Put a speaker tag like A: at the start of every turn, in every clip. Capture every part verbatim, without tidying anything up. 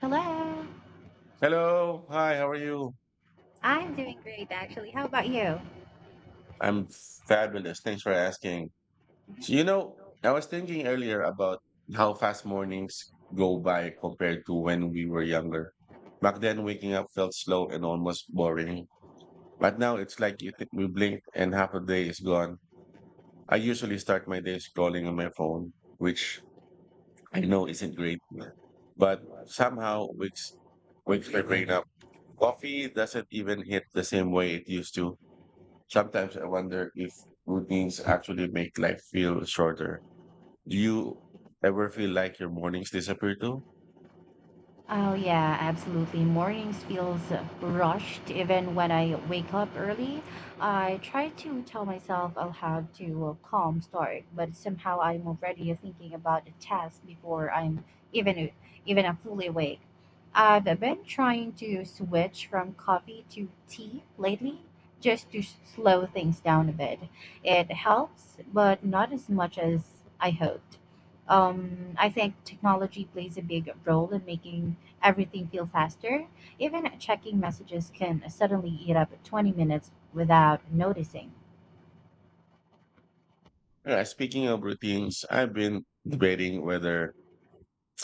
A: Hello.
B: Hello. Hi, how are you?
A: I'm doing great, actually. How about you?
B: I'm fabulous. Thanks for asking. So, you know, I was thinking earlier about how fast mornings go by compared to when we were younger. Back then, waking up felt slow and almost boring. But now it's like you think we blink and half a day is gone. I usually start my day scrolling on my phone, which I know isn't great, but somehow wakes wakes my brain up. Coffee doesn't even hit the same way it used to. Sometimes I wonder if routines actually make life feel shorter. Do you ever feel like your mornings disappear too?
A: Oh, yeah, absolutely. Mornings feels rushed even when I wake up early. I try to tell myself I'll have to a calm start, but somehow I'm already thinking about the task before I'm even even a fully awake. I've been trying to switch from coffee to tea lately just to s- slow things down a bit. It helps, but not as much as I hoped. Um, I think technology plays a big role in making everything feels faster. Even checking messages can suddenly eat up twenty minutes without noticing.
B: Yeah, speaking of routines, I've been debating whether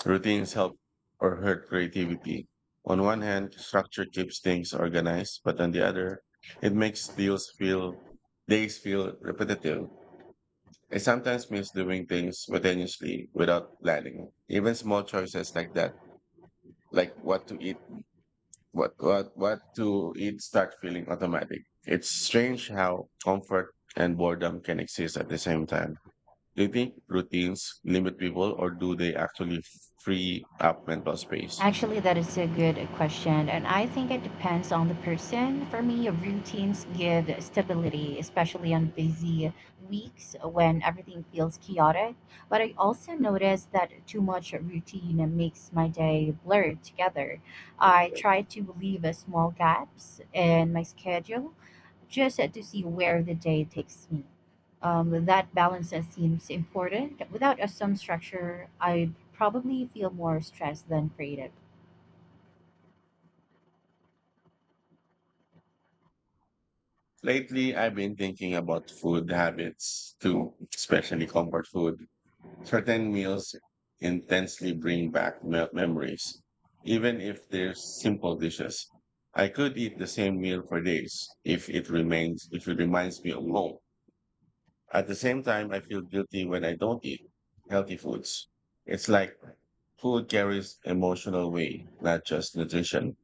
B: routines help or hurt creativity. On one hand, structure keeps things organized, but on the other, it makes deals feel days feel repetitive. I sometimes miss doing things spontaneously without planning. Even small choices like that, like what to eat what what what to it start feeling automatic. It's strange how comfort and boredom can exist at the same time. Do you think routines limit people or do they actually free up mental space?
A: Actually, that is a good question, and I think it depends on the person. For me, routines give stability, especially on busy weeks when everything feels chaotic. But I also notice that too much routine makes my day blur together. I try to leave uh, small gaps in my schedule just to see where the day takes me. Um, that balance seems important. Without a some structure, I'd probably feel more stressed than creative.
B: Lately, I've been thinking about food habits too, especially comfort food. Certain meals intensely bring back me- memories, even if they're simple dishes. I could eat the same meal for days if it remains, if it reminds me of home. At the same time, I feel guilty when I don't eat healthy foods. It's like food carries emotional weight, not just nutrition.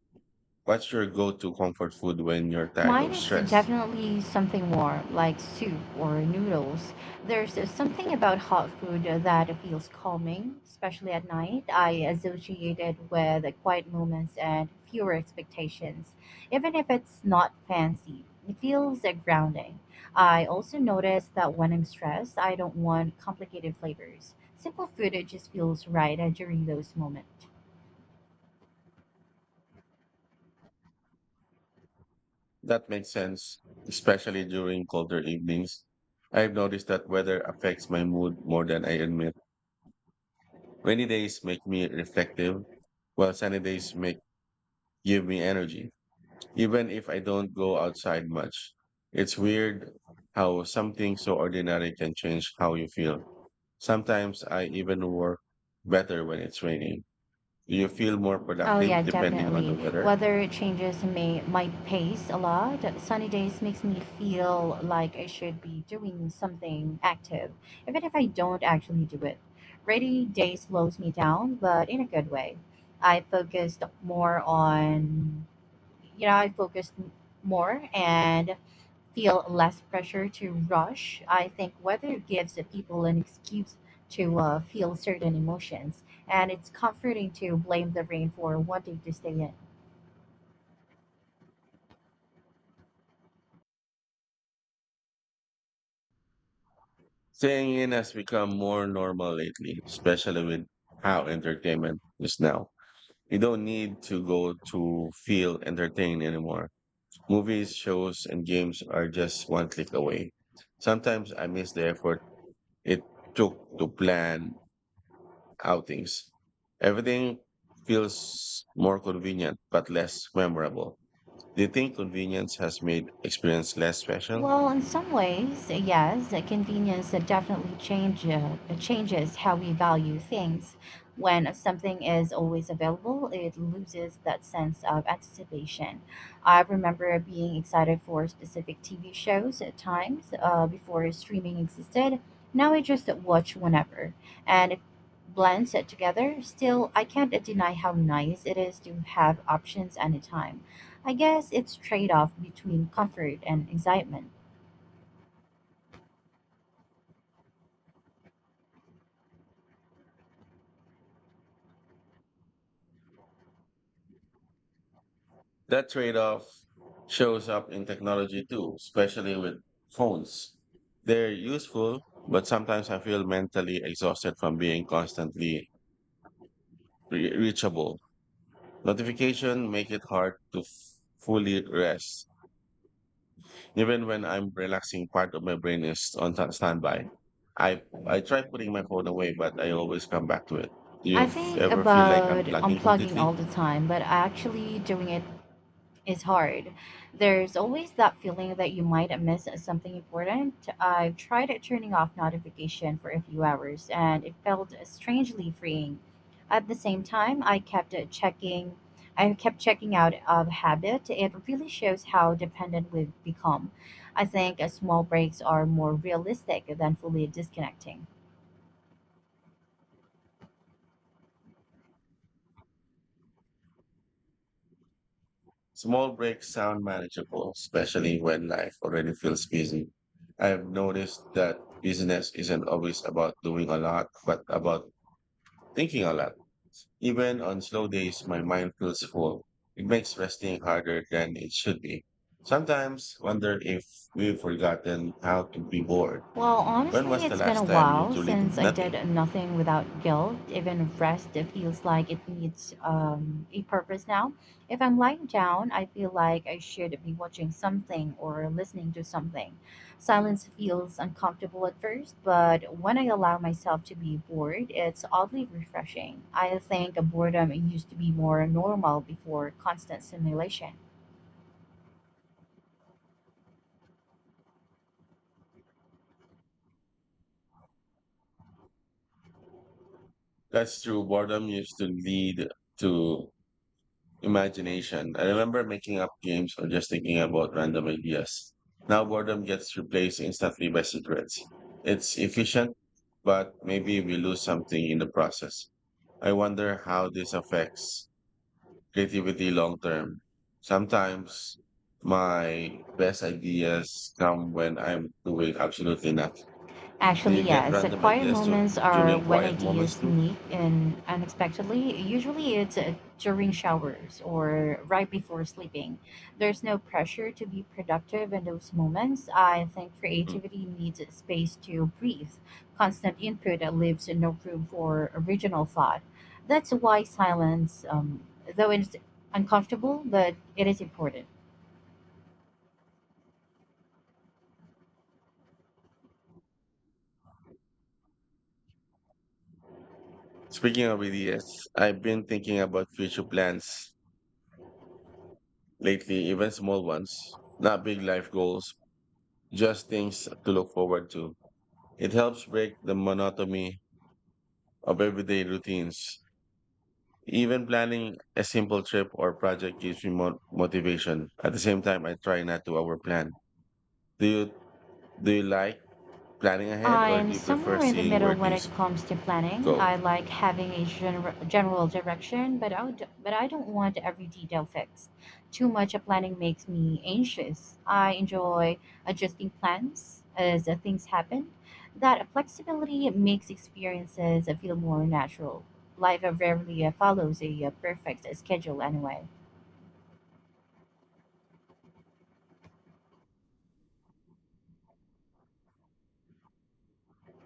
B: What's your go-to comfort food when you're tired
A: Mine
B: of
A: is
B: stress?
A: definitely something warm, like soup or noodles. There's something about hot food that feels calming, especially at night. I associate it with quiet moments and fewer expectations. Even if it's not fancy, it feels uh, grounding. I also notice that when I'm stressed, I don't want complicated flavors. Simple food it just feels right uh, during those moments.
B: That makes sense, especially during colder evenings. I've noticed that weather affects my mood more than I admit. Rainy days make me reflective, while sunny days make give me energy, even if I don't go outside much. It's weird how something so ordinary can change how you feel. Sometimes I even work better when it's raining. Do you feel more
A: Oh
B: productive
A: yeah,
B: depending on the
A: definitely.
B: weather?
A: Weather changes may my pace a lot. Sunny days makes me feel like I should be doing something active, even if I don't actually do it. Rainy day slows me down, but in a good way. I focused more on you know, I focus m- more and feel less pressure to rush. I think weather gives the people an excuse to uh, feel certain emotions, and it's comforting to blame the rain for wanting to stay in.
B: Staying in has become more normal lately, especially with how entertainment is now. You don't need to go to feel entertained anymore. Movies, shows, and games are just one click away. Sometimes I miss the effort it took to plan outings. Everything feels more convenient but less memorable. Do you think convenience has made experience less special?
A: Well, in some ways, yes, uh, convenience uh, definitely change, uh, changes how we value things. When something is always available, it loses that sense of anticipation. I remember being excited for specific T V shows at times uh, before streaming existed. Now I just watch whenever, and it blends it together. Still, I can't deny how nice it is to have options anytime. I guess it's trade-off between comfort and excitement.
B: That trade off shows up in technology too, especially with phones. They're useful, but sometimes I feel mentally exhausted from being constantly re- reachable. Notification make it hard to f- fully rest. Even when I'm relaxing, part of my brain is on ta- standby. I I try putting my phone away, but I always come back to it. Do you
A: I
B: f-
A: think
B: ever feel like I'm
A: about
B: plugging
A: unplugging all
B: completely?
A: the time, but actually doing it is hard. There's always that feeling that you might miss something important. I've tried turning off notification for a few hours and it felt strangely freeing. At the same time, I kept checking I kept checking out of habit. It really shows how dependent we've become. I think uh, small breaks are more realistic than fully disconnecting.
B: Small breaks sound manageable, especially when life already feels busy. I've noticed that business isn't always about doing a lot, but about thinking a lot. Even on slow days, my mind feels full. It makes resting harder than it should be. Sometimes wonder if we've forgotten how to be bored.
A: Well,
B: When
A: honestly,
B: was the
A: it's been a
B: last time you
A: while
B: truly did
A: since I did
B: nothing?
A: nothing without guilt. Even rest it feels like it needs um, a purpose now. If I'm lying down, I feel like I should be watching something or listening to something. Silence feels uncomfortable at first, but when I allow myself to be bored, it's oddly refreshing. I think boredom used to be more normal before constant stimulation.
B: That's true. Boredom used to lead to imagination. I remember making up games or just thinking about random ideas. Now boredom gets replaced instantly by secrets. It's efficient, but maybe we lose something in the process. I wonder how this affects creativity long term. Sometimes my best ideas come when I'm doing absolutely nothing. Do
A: Actually,
B: you get
A: yes. The
B: random
A: quiet
B: ideas to,
A: moments are
B: during
A: when
B: quiet
A: ideas
B: moments too?
A: sneak in unexpectedly. Usually, it's uh, during showers or right before sleeping. There's no pressure to be productive in those moments. I think
B: Mm.
A: creativity needs space to breathe. Constant input leaves no room for original thought. That's why silence, um, though it's uncomfortable, but it is important.
B: Speaking of ideas, I've been thinking about future plans lately, even small ones, not big life goals, just things to look forward to. It helps break the monotony of everyday routines. Even planning a simple trip or project gives me mo- motivation. At the same time, I try not to overplan. Do you do you like planning ahead, or
A: I'm
B: do you prefer
A: somewhere in the
B: seeing where
A: middle when it
B: things
A: comes to planning. I
B: go?
A: like having a gener- general direction, but I would, but I don't want every detail fixed. Too much of planning makes me anxious. I enjoy adjusting plans as uh, things happen. That flexibility makes experiences feel more natural. Life uh, rarely uh, follows a uh, perfect schedule anyway.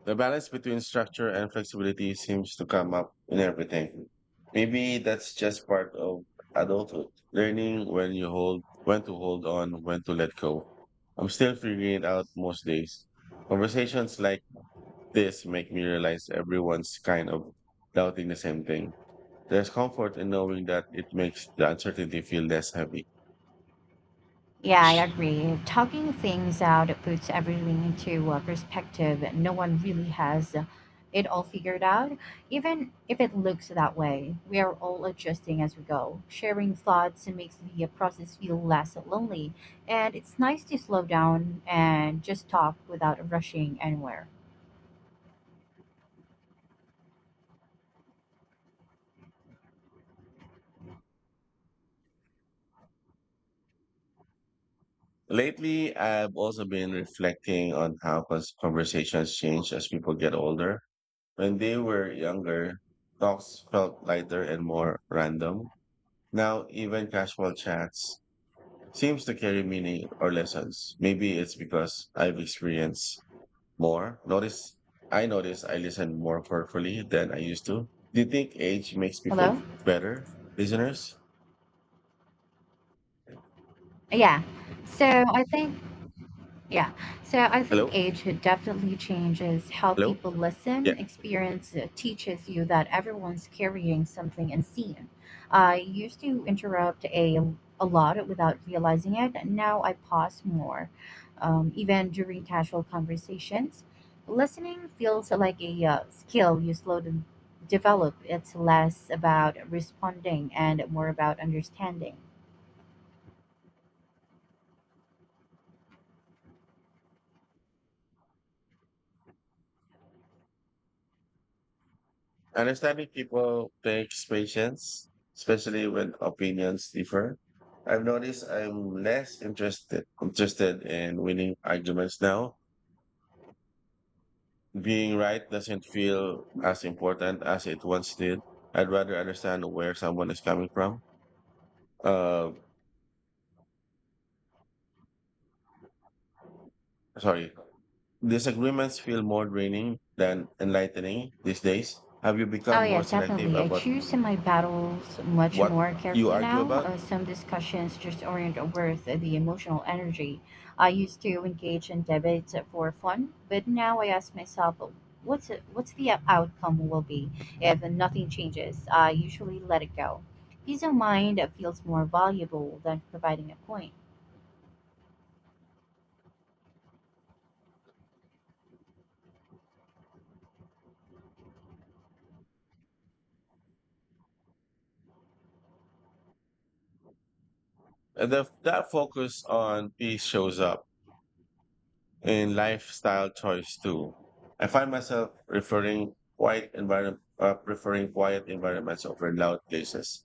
B: The balance between structure and flexibility seems to come up in everything. Maybe that's just part of adulthood, learning when you hold, when to hold on, when to let go. I'm still figuring it out most days. Conversations like this make me realize everyone's kind of doubting the same thing. There's comfort in knowing that it makes the uncertainty feel less heavy.
A: Yeah, I agree. Talking things out puts everything into uh, perspective. No one really has uh, it all figured out, even if it looks that way. We are all adjusting as we go. Sharing thoughts makes the uh, process feel less lonely, and it's nice to slow down and just talk without rushing anywhere.
B: Lately, I've also been reflecting on how cons- conversations change as people get older. When they were younger, talks felt lighter and more random. Now, even casual chats seems to carry meaning or lessons. Maybe it's because I've experienced more. Notice, I notice I listen more carefully than I used to. Do you think age makes people
A: Hello?
B: better listeners?
A: Yeah. So I think Yeah. So I think
B: Hello?
A: age definitely changes how
B: Hello?
A: people
B: Yeah.
A: listen. Experience uh, teaches you that everyone's carrying something unseen. I used to interrupt a, a lot without realizing it. Now I pause more, um, even during casual conversations. Listening feels like a uh, skill you slowly develop. It's less about responding and more about understanding.
B: Understanding people takes patience, especially when opinions differ. I've noticed I'm less interested interested in winning arguments now. Being right doesn't feel as important as it once did. I'd rather understand where someone is coming from. Uh, Sorry. Disagreements feel more draining than enlightening these days. Have you
A: Oh
B: become
A: yeah,
B: more selective
A: definitely. I
B: about
A: choose my battles much
B: what
A: more
B: you
A: carefully
B: argue
A: now.
B: about?
A: Uh, some discussions just aren't worth the emotional energy. I used to engage in debates for fun, but now I ask myself, what's what's the outcome will be if nothing changes? I usually let it go. Peace of mind feels more valuable than providing a point.
B: And the, that focus on peace shows up in lifestyle choice too. I find myself preferring quiet environment, uh, preferring quiet environments over loud places.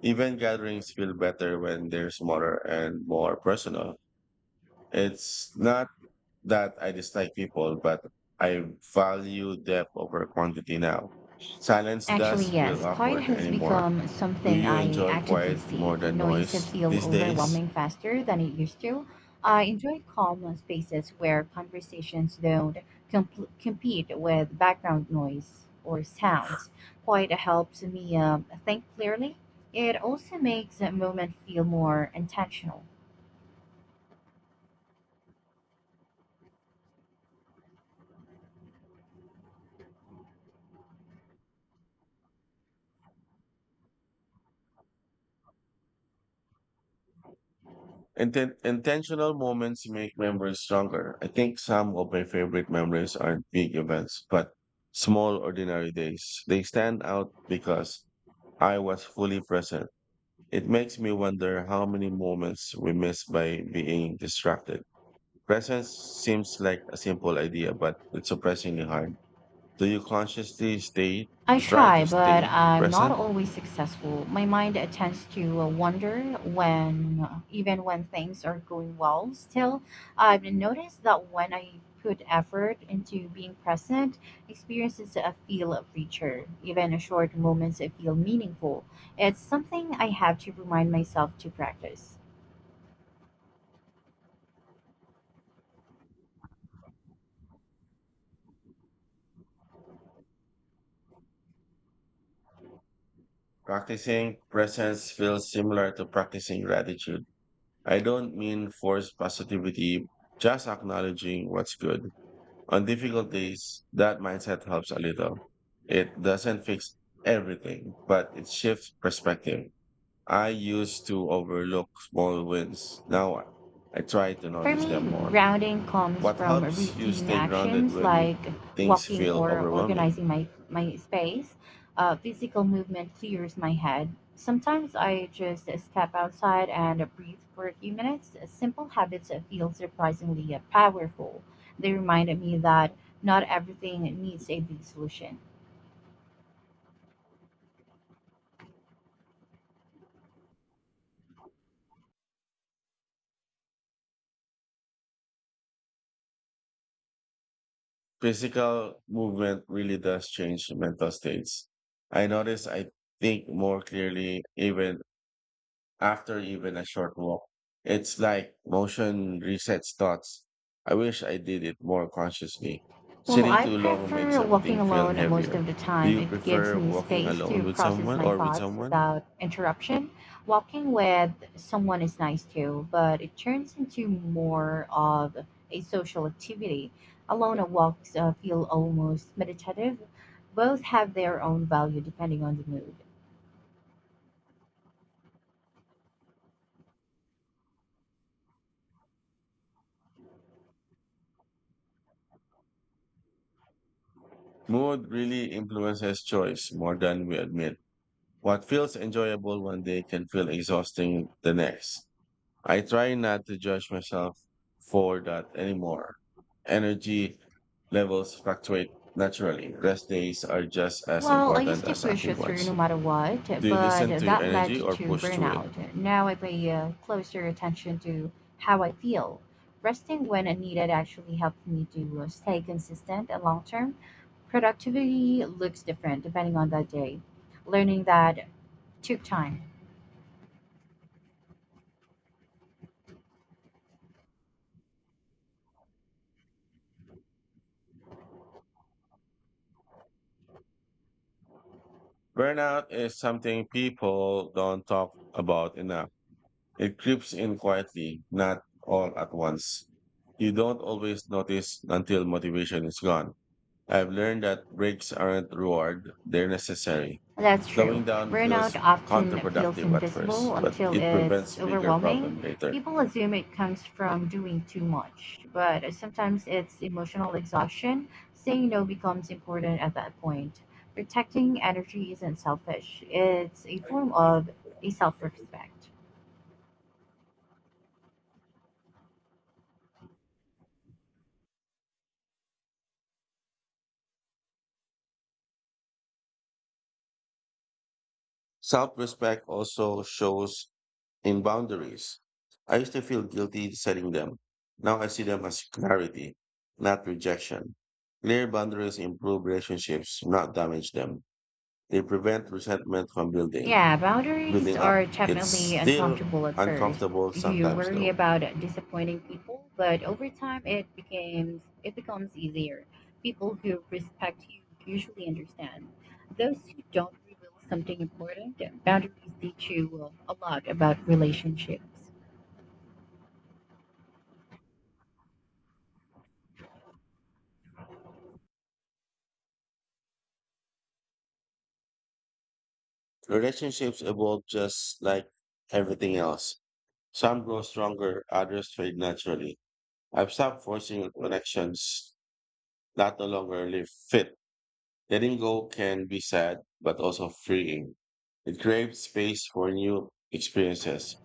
B: Even gatherings feel better when they're smaller and more personal. It's not that I dislike people, but I value depth over quantity now. Silence
A: Actually,
B: does feel
A: yes, quiet
B: awkward
A: has
B: anymore.
A: become
B: Do
A: something
B: you
A: I
B: enjoy
A: actively
B: quiet more
A: seek.
B: than
A: Noise
B: noise
A: feel
B: these days?
A: overwhelming faster than it used to. I enjoy calm spaces where conversations don't comp- compete with background noise or sounds. Quiet helps me um think clearly. It also makes a moment feel more intentional.
B: Inten- intentional moments make memories stronger. I think some of my favorite memories aren't big events, but small, ordinary days. They stand out because I was fully present. It makes me wonder how many moments we miss by being distracted. Presence seems like a simple idea, but it's surprisingly hard. Do you consciously stay,
A: I
B: try
A: try,
B: to
A: but
B: stay
A: I'm not
B: present?
A: always successful. My mind tends to uh, wander when, even when things are going well. Still, I've noticed that when I put effort into being present, experiences uh, feel richer. Even short moments uh, feel meaningful. It's something I have to remind myself to practice.
B: Practicing presence feels similar to practicing gratitude. I don't mean force positivity, just acknowledging what's good. On difficult days, that mindset helps a little. It doesn't fix everything, but it shifts perspective. I used to overlook small wins. Now I I try to
A: For
B: notice them
A: me,
B: more.
A: grounding comes
B: What
A: from
B: helps you
A: routine
B: stay grounded
A: actions
B: when you,
A: like
B: things
A: walking
B: feel
A: or
B: overwhelming?
A: organizing my, my space. Uh, physical movement clears my head. Sometimes I just step outside and breathe for a few minutes. Simple habits feel surprisingly powerful. They remind me that not everything needs a big solution.
B: Physical movement really does change mental states. I notice I think more clearly even after even a short walk. It's like motion resets thoughts. I wish I did it more consciously.
A: Well,
B: Sitting
A: I
B: too long makes
A: prefer walking
B: everything feel
A: alone most
B: heavier.
A: of the
B: Do
A: time.
B: you
A: It gives
B: prefer
A: me
B: walking
A: space to
B: alone with
A: process
B: someone
A: my
B: or with
A: thoughts
B: someone?
A: without interruption. Walking with someone is nice too, but it turns into more of a social activity. Alone walks uh, feel almost meditative. Both have their own value depending on the mood.
B: Mood really influences choice more than we admit. What feels enjoyable one day can feel exhausting the next. I try not to judge myself for that anymore. Energy levels fluctuate naturally. Rest days are just as
A: Well, I used
B: important
A: to
B: as
A: push
B: active
A: through no
B: ones.
A: matter what,
B: Do you
A: but
B: listen to your
A: that led
B: energy or
A: to
B: push through it?
A: burnout. Now I pay uh, closer attention to how I feel. Resting when needed actually helped me to uh, stay consistent and long term. Productivity looks different depending on the day. Learning that took time.
B: Burnout is something people don't talk about enough. It creeps in quietly, not all at once. You don't always notice until motivation is gone. I've learned that breaks aren't reward, they're necessary.
A: That's
B: Slowing
A: true.
B: down
A: Burnout
B: feels
A: often feels
B: counterproductive at
A: invisible
B: first, but
A: until
B: it
A: it's
B: prevents bigger
A: overwhelming.
B: problem later.
A: People assume it comes from doing too much, but sometimes it's emotional exhaustion. Saying no becomes important at that point. Protecting energy isn't selfish, it's a form of a self respect.
B: Self-respect also shows in boundaries. I used to feel guilty setting them. Now I see them as clarity, not rejection. Clear boundaries improve relationships, not damage them. They prevent resentment from building,
A: Yeah, boundaries
B: building
A: are
B: up. It's
A: definitely
B: still
A: uncomfortable at first.
B: uncomfortable
A: You
B: sometimes
A: worry
B: though.
A: about disappointing people, but over time it becomes it becomes easier. People who respect you usually understand. Those who don't reveal something important, boundaries teach you a lot about relationships.
B: Relationships evolve just like everything else. Some grow stronger, others fade naturally. I've stopped forcing connections that no longer live fit. Letting go can be sad, but also freeing. It creates space for new experiences.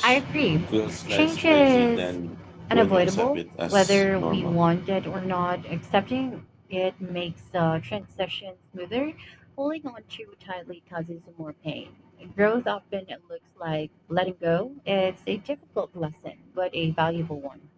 A: I agree.
B: feels less
A: Change
B: crazy
A: is
B: than when you accept
A: unavoidable,
B: it as
A: whether we
B: normal.
A: want it or not. Accepting it makes the transition smoother. Holding on too tightly causes more pain. Growth often looks like letting go. It's a difficult lesson, but a valuable one.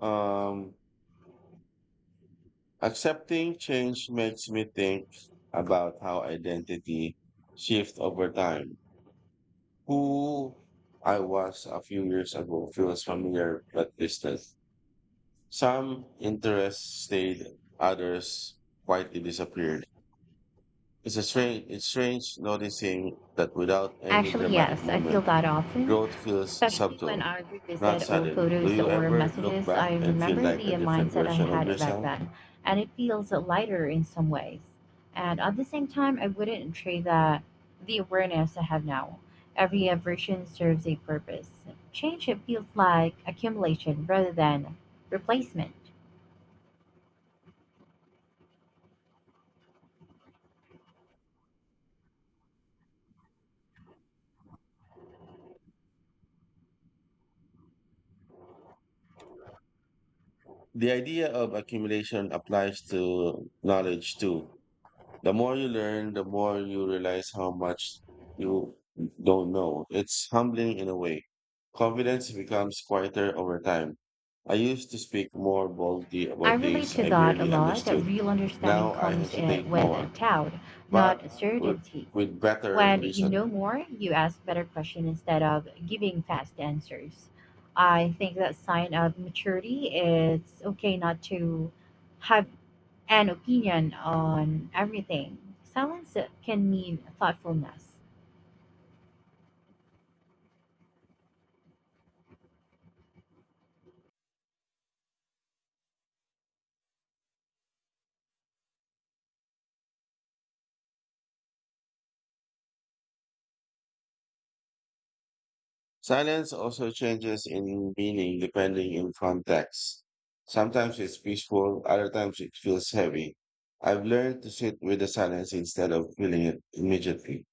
B: Um, Accepting change makes me think about how identity shifts over time. Who I was a few years ago feels familiar but distant. Some interests stayed, others quietly disappeared. It's a strange, it's strange noticing that without any
A: Actually,
B: dramatic
A: yes, I feel
B: moment,
A: that often,
B: growth feels
A: especially when
B: subtle,
A: I
B: not
A: revisit old
B: sudden. Do
A: photos
B: you
A: or
B: ever look
A: messages.
B: back
A: I
B: and feel
A: remember
B: like
A: the
B: a different
A: mindset I
B: version of
A: had back
B: yourself?
A: then, and it feels lighter in some ways. And at the same time, I wouldn't trade that the awareness I have now. Every version serves a purpose. Change it feels like accumulation rather than replacement.
B: The idea of accumulation applies to knowledge too. The more you learn, the more you realize how much you don't know. It's humbling in a way. Confidence becomes quieter over time. I used to speak more boldly
A: I
B: about
A: relate
B: things
A: to
B: I
A: that a
B: barely
A: lot. That
B: understood.
A: real understanding
B: Now I
A: comes uh,
B: hesitate
A: with
B: more,
A: doubt,
B: but
A: not
B: with,
A: certainty.
B: with better
A: When you
B: reason.
A: know more, you ask better questions instead of giving fast answers. I think that sign of maturity is okay not to have an opinion on everything. Silence can mean thoughtfulness.
B: Silence also changes in meaning depending on context. Sometimes it's peaceful, other times it feels heavy. I've learned to sit with the silence instead of feeling it immediately.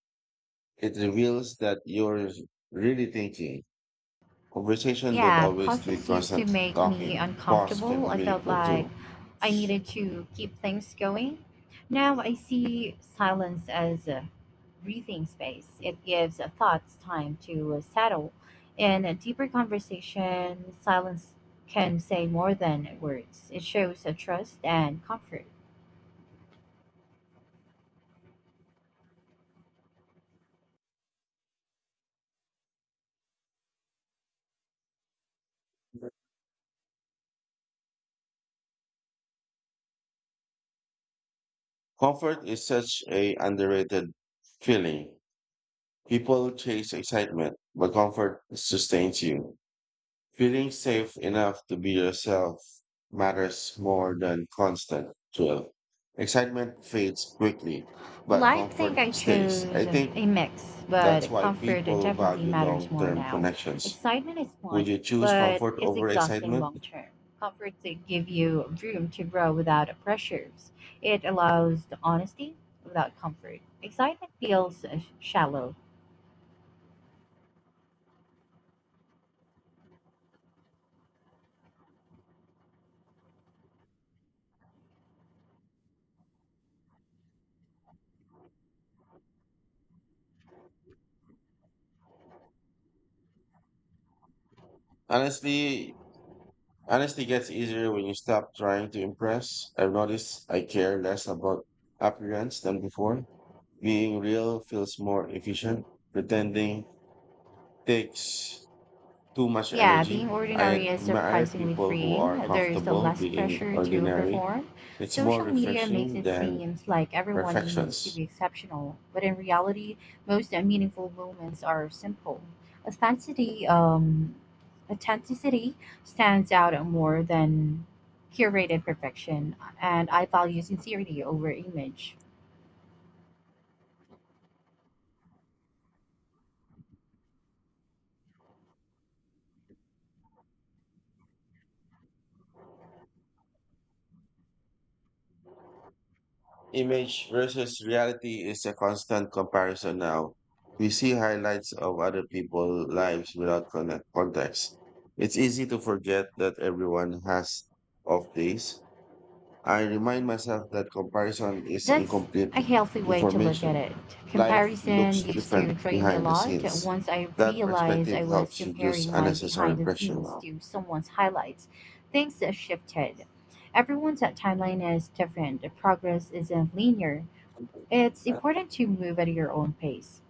B: It reveals that you're really thinking. Conversation don't
A: Yeah,
B: always need
A: pauses used to
B: constant
A: make me
B: talking. Pause
A: uncomfortable.
B: can be
A: I felt
B: meaningful
A: like
B: too.
A: I needed to keep things going. Now I see silence as a breathing space. It gives thoughts time to uh, settle. In a deeper conversation, silence can say more than words. It shows a trust and comfort.
B: Comfort is such a underrated feeling. People chase excitement, but comfort sustains you. Feeling safe enough to be yourself matters more than constant thrill. Excitement fades quickly,
A: Well,
B: but
A: I think
B: comfort
A: I
B: stays.
A: chose
B: I think
A: a mix, but
B: that's why
A: comfort
B: people
A: definitely
B: value
A: matters more
B: long-term
A: now.
B: connections.
A: Excitement is fun,
B: Would you choose
A: but
B: comfort
A: it's
B: over
A: exhausting
B: excitement?
A: long term. Comfort to give you room to grow without pressures. It allows the honesty without comfort. Excitement feels uh, shallow.
B: Honestly, honestly gets easier when you stop trying to impress. I've noticed I care less about appearance than before. Being real feels more efficient. Pretending takes too much
A: Yeah,
B: energy.
A: being
B: I
A: ordinary is
B: admire
A: surprisingly
B: people who are
A: freeing. There's a
B: comfortable
A: less
B: being
A: pressure to
B: ordinary.
A: perform.
B: It's more
A: Social media makes
B: refreshing
A: it
B: than
A: seem like everyone needs to be
B: perfections.
A: exceptional, but in reality, most meaningful moments are simple. Authenticity, um, authenticity stands out more than curated perfection, and I value sincerity over image.
B: Image versus reality is a constant comparison now. We see highlights of other people's lives without connect context. It's easy to forget that everyone has off days. I remind myself that comparison is
A: That's
B: incomplete
A: a healthy way to look at
B: information.
A: it.
B: Life
A: Comparison
B: looks
A: used to
B: different
A: drain me a
B: behind the
A: lot.
B: scenes.
A: Once I
B: That
A: realized I
B: perspective
A: was
B: helps reduce
A: comparing my
B: unnecessary
A: behind the
B: pressure.
A: scenes to someone's highlights, things shifted. Everyone's timeline is different, progress isn't linear. It's important to move at your own pace.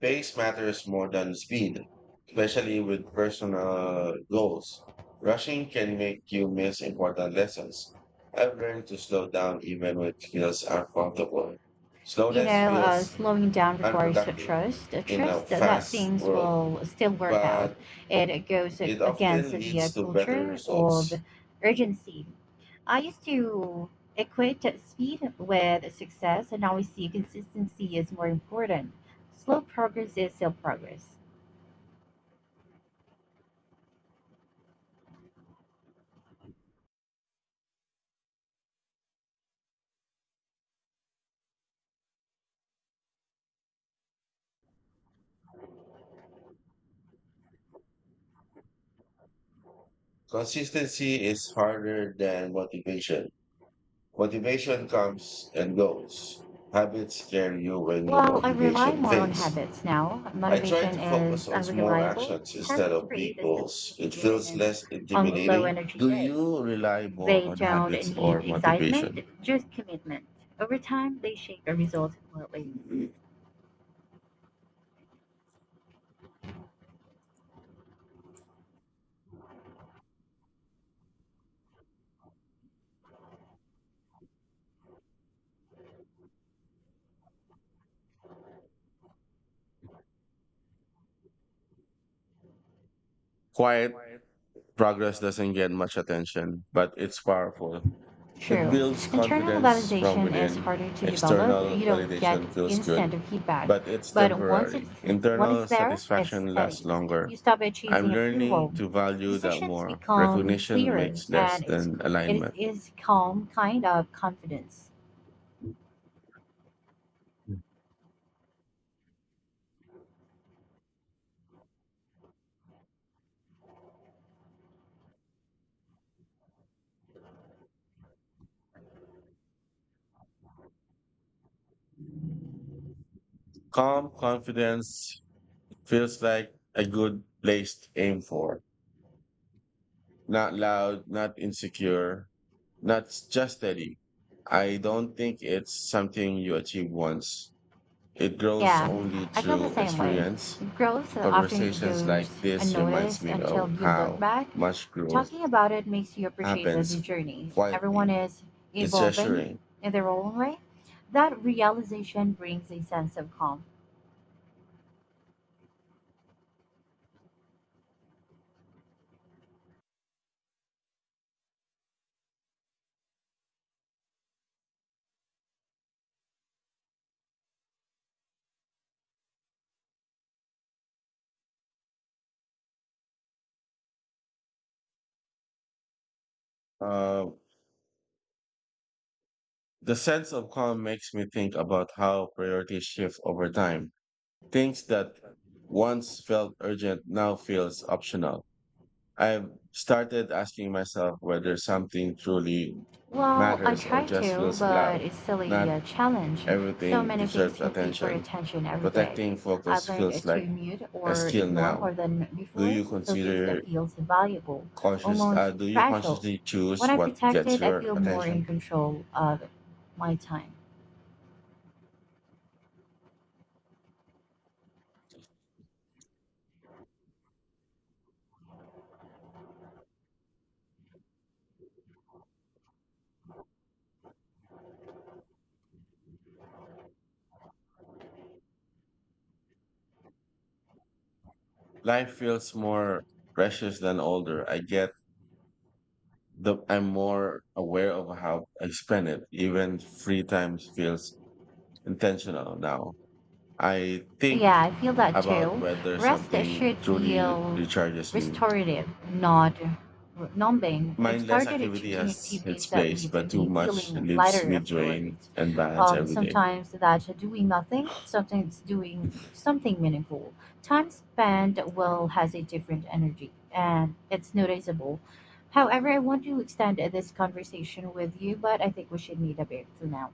B: Pace matters more than speed, especially with personal goals. Rushing can make you miss important lessons. I've learned to slow down even when it feels uncomfortable.
A: you
B: Slowness
A: know, uh,
B: feels
A: slowing down requires a
B: unproductive
A: trust, a
B: in a
A: trust that, that
B: fast
A: things
B: world,
A: will still work out.
B: but
A: It goes a-
B: it
A: against
B: often
A: the
B: leads
A: uh,
B: to better
A: culture of
B: results.
A: urgency. I used to equate speed with success, and now I see consistency is more important. Slow progress is still progress.
B: Consistency is harder than motivation. Motivation comes and goes. Habits carry you when your
A: Well, I rely
B: motivation
A: more on
B: fades.
A: habits now.
B: I try
A: Motivation
B: to focus
A: is
B: on small
A: unreliable.
B: actions instead
A: Habits
B: of
A: create
B: big
A: a
B: goals.
A: stability
B: It
A: even
B: feels
A: in
B: less
A: on low
B: intimidating.
A: energy
B: Do
A: days.
B: you rely more
A: They
B: on
A: don't
B: habits
A: need
B: or
A: excitement,
B: motivation?
A: just commitment. Over time, they shape your results completely.
B: Quiet progress doesn't get much attention, but it's powerful. It
A: True.
B: builds
A: Internal
B: confidence from
A: validation is
B: within.
A: harder to develop.
B: External
A: You don't get
B: validation feels good,
A: instant feedback,
B: but it's
A: but once it's
B: temporary.
A: when it's
B: Internal
A: there, it's
B: satisfaction lasts
A: steady.
B: longer.
A: You stop
B: I'm
A: chasing approval.
B: learning to value that
A: Decisions
B: more.
A: become
B: Recognition
A: clearer,
B: makes less
A: and it's
B: than
A: it
B: alignment.
A: is calm kind of confidence.
B: Mm. Calm confidence feels like a good place to aim for. Not loud, not insecure, not s- just steady. I don't think it's something you achieve once. It grows
A: Yeah,
B: only
A: I feel the
B: through
A: same way.
B: experience.
A: Growth often
B: Conversations like
A: goes
B: this reminds
A: unnoticed
B: me
A: until
B: of
A: you look
B: how
A: back.
B: much growth
A: Talking about it makes you appreciate the the
B: happens
A: journey. Everyone
B: quietly.
A: is
B: It's
A: evolving
B: reassuring.
A: in their own way. That realization brings a sense of calm.
B: Uh, the sense of calm makes me think about how priorities shift over time. Things that once felt urgent now feels optional. I've started asking myself whether something truly
A: Well, I
B: matters or
A: try
B: just
A: to,
B: feels loud.
A: but it's silly
B: Not
A: a challenge. So
B: everything
A: many things
B: deserves
A: compete for
B: attention.
A: attention every day.
B: Protecting
A: I've
B: focus
A: learned
B: feels
A: to
B: like
A: mute
B: a
A: or
B: skill
A: ignore
B: now.
A: more than
B: Do
A: before,
B: you
A: the focus
B: consider
A: that feels valuable,
B: conscious? Uh,
A: almost
B: do you
A: fragile.
B: consciously
A: When
B: choose
A: I
B: what
A: protect
B: gets
A: it, I
B: your
A: feel more in
B: attention?
A: control of my time.
B: Life feels more precious than older. I get the. I'm more aware of how I spend it. Even free time feels intentional now. I think
A: Yeah, I feel that
B: about
A: too.
B: whether
A: Rest
B: something
A: should
B: truly re-
A: feel
B: recharges me.
A: restorative, not r- numbing. But I've
B: Mindless
A: started at
B: activity
A: choosing
B: has its
A: activities that
B: place,
A: leave
B: but too
A: me
B: much
A: feeling
B: leaves
A: lighter
B: me drained
A: afterwards.
B: and balanced
A: Um,
B: every day.
A: sometimes that's doing nothing. Sometimes doing something meaningful. Time spent well has a different energy, and it's noticeable. However, I want to extend this conversation with you, but I think we should need a break for now.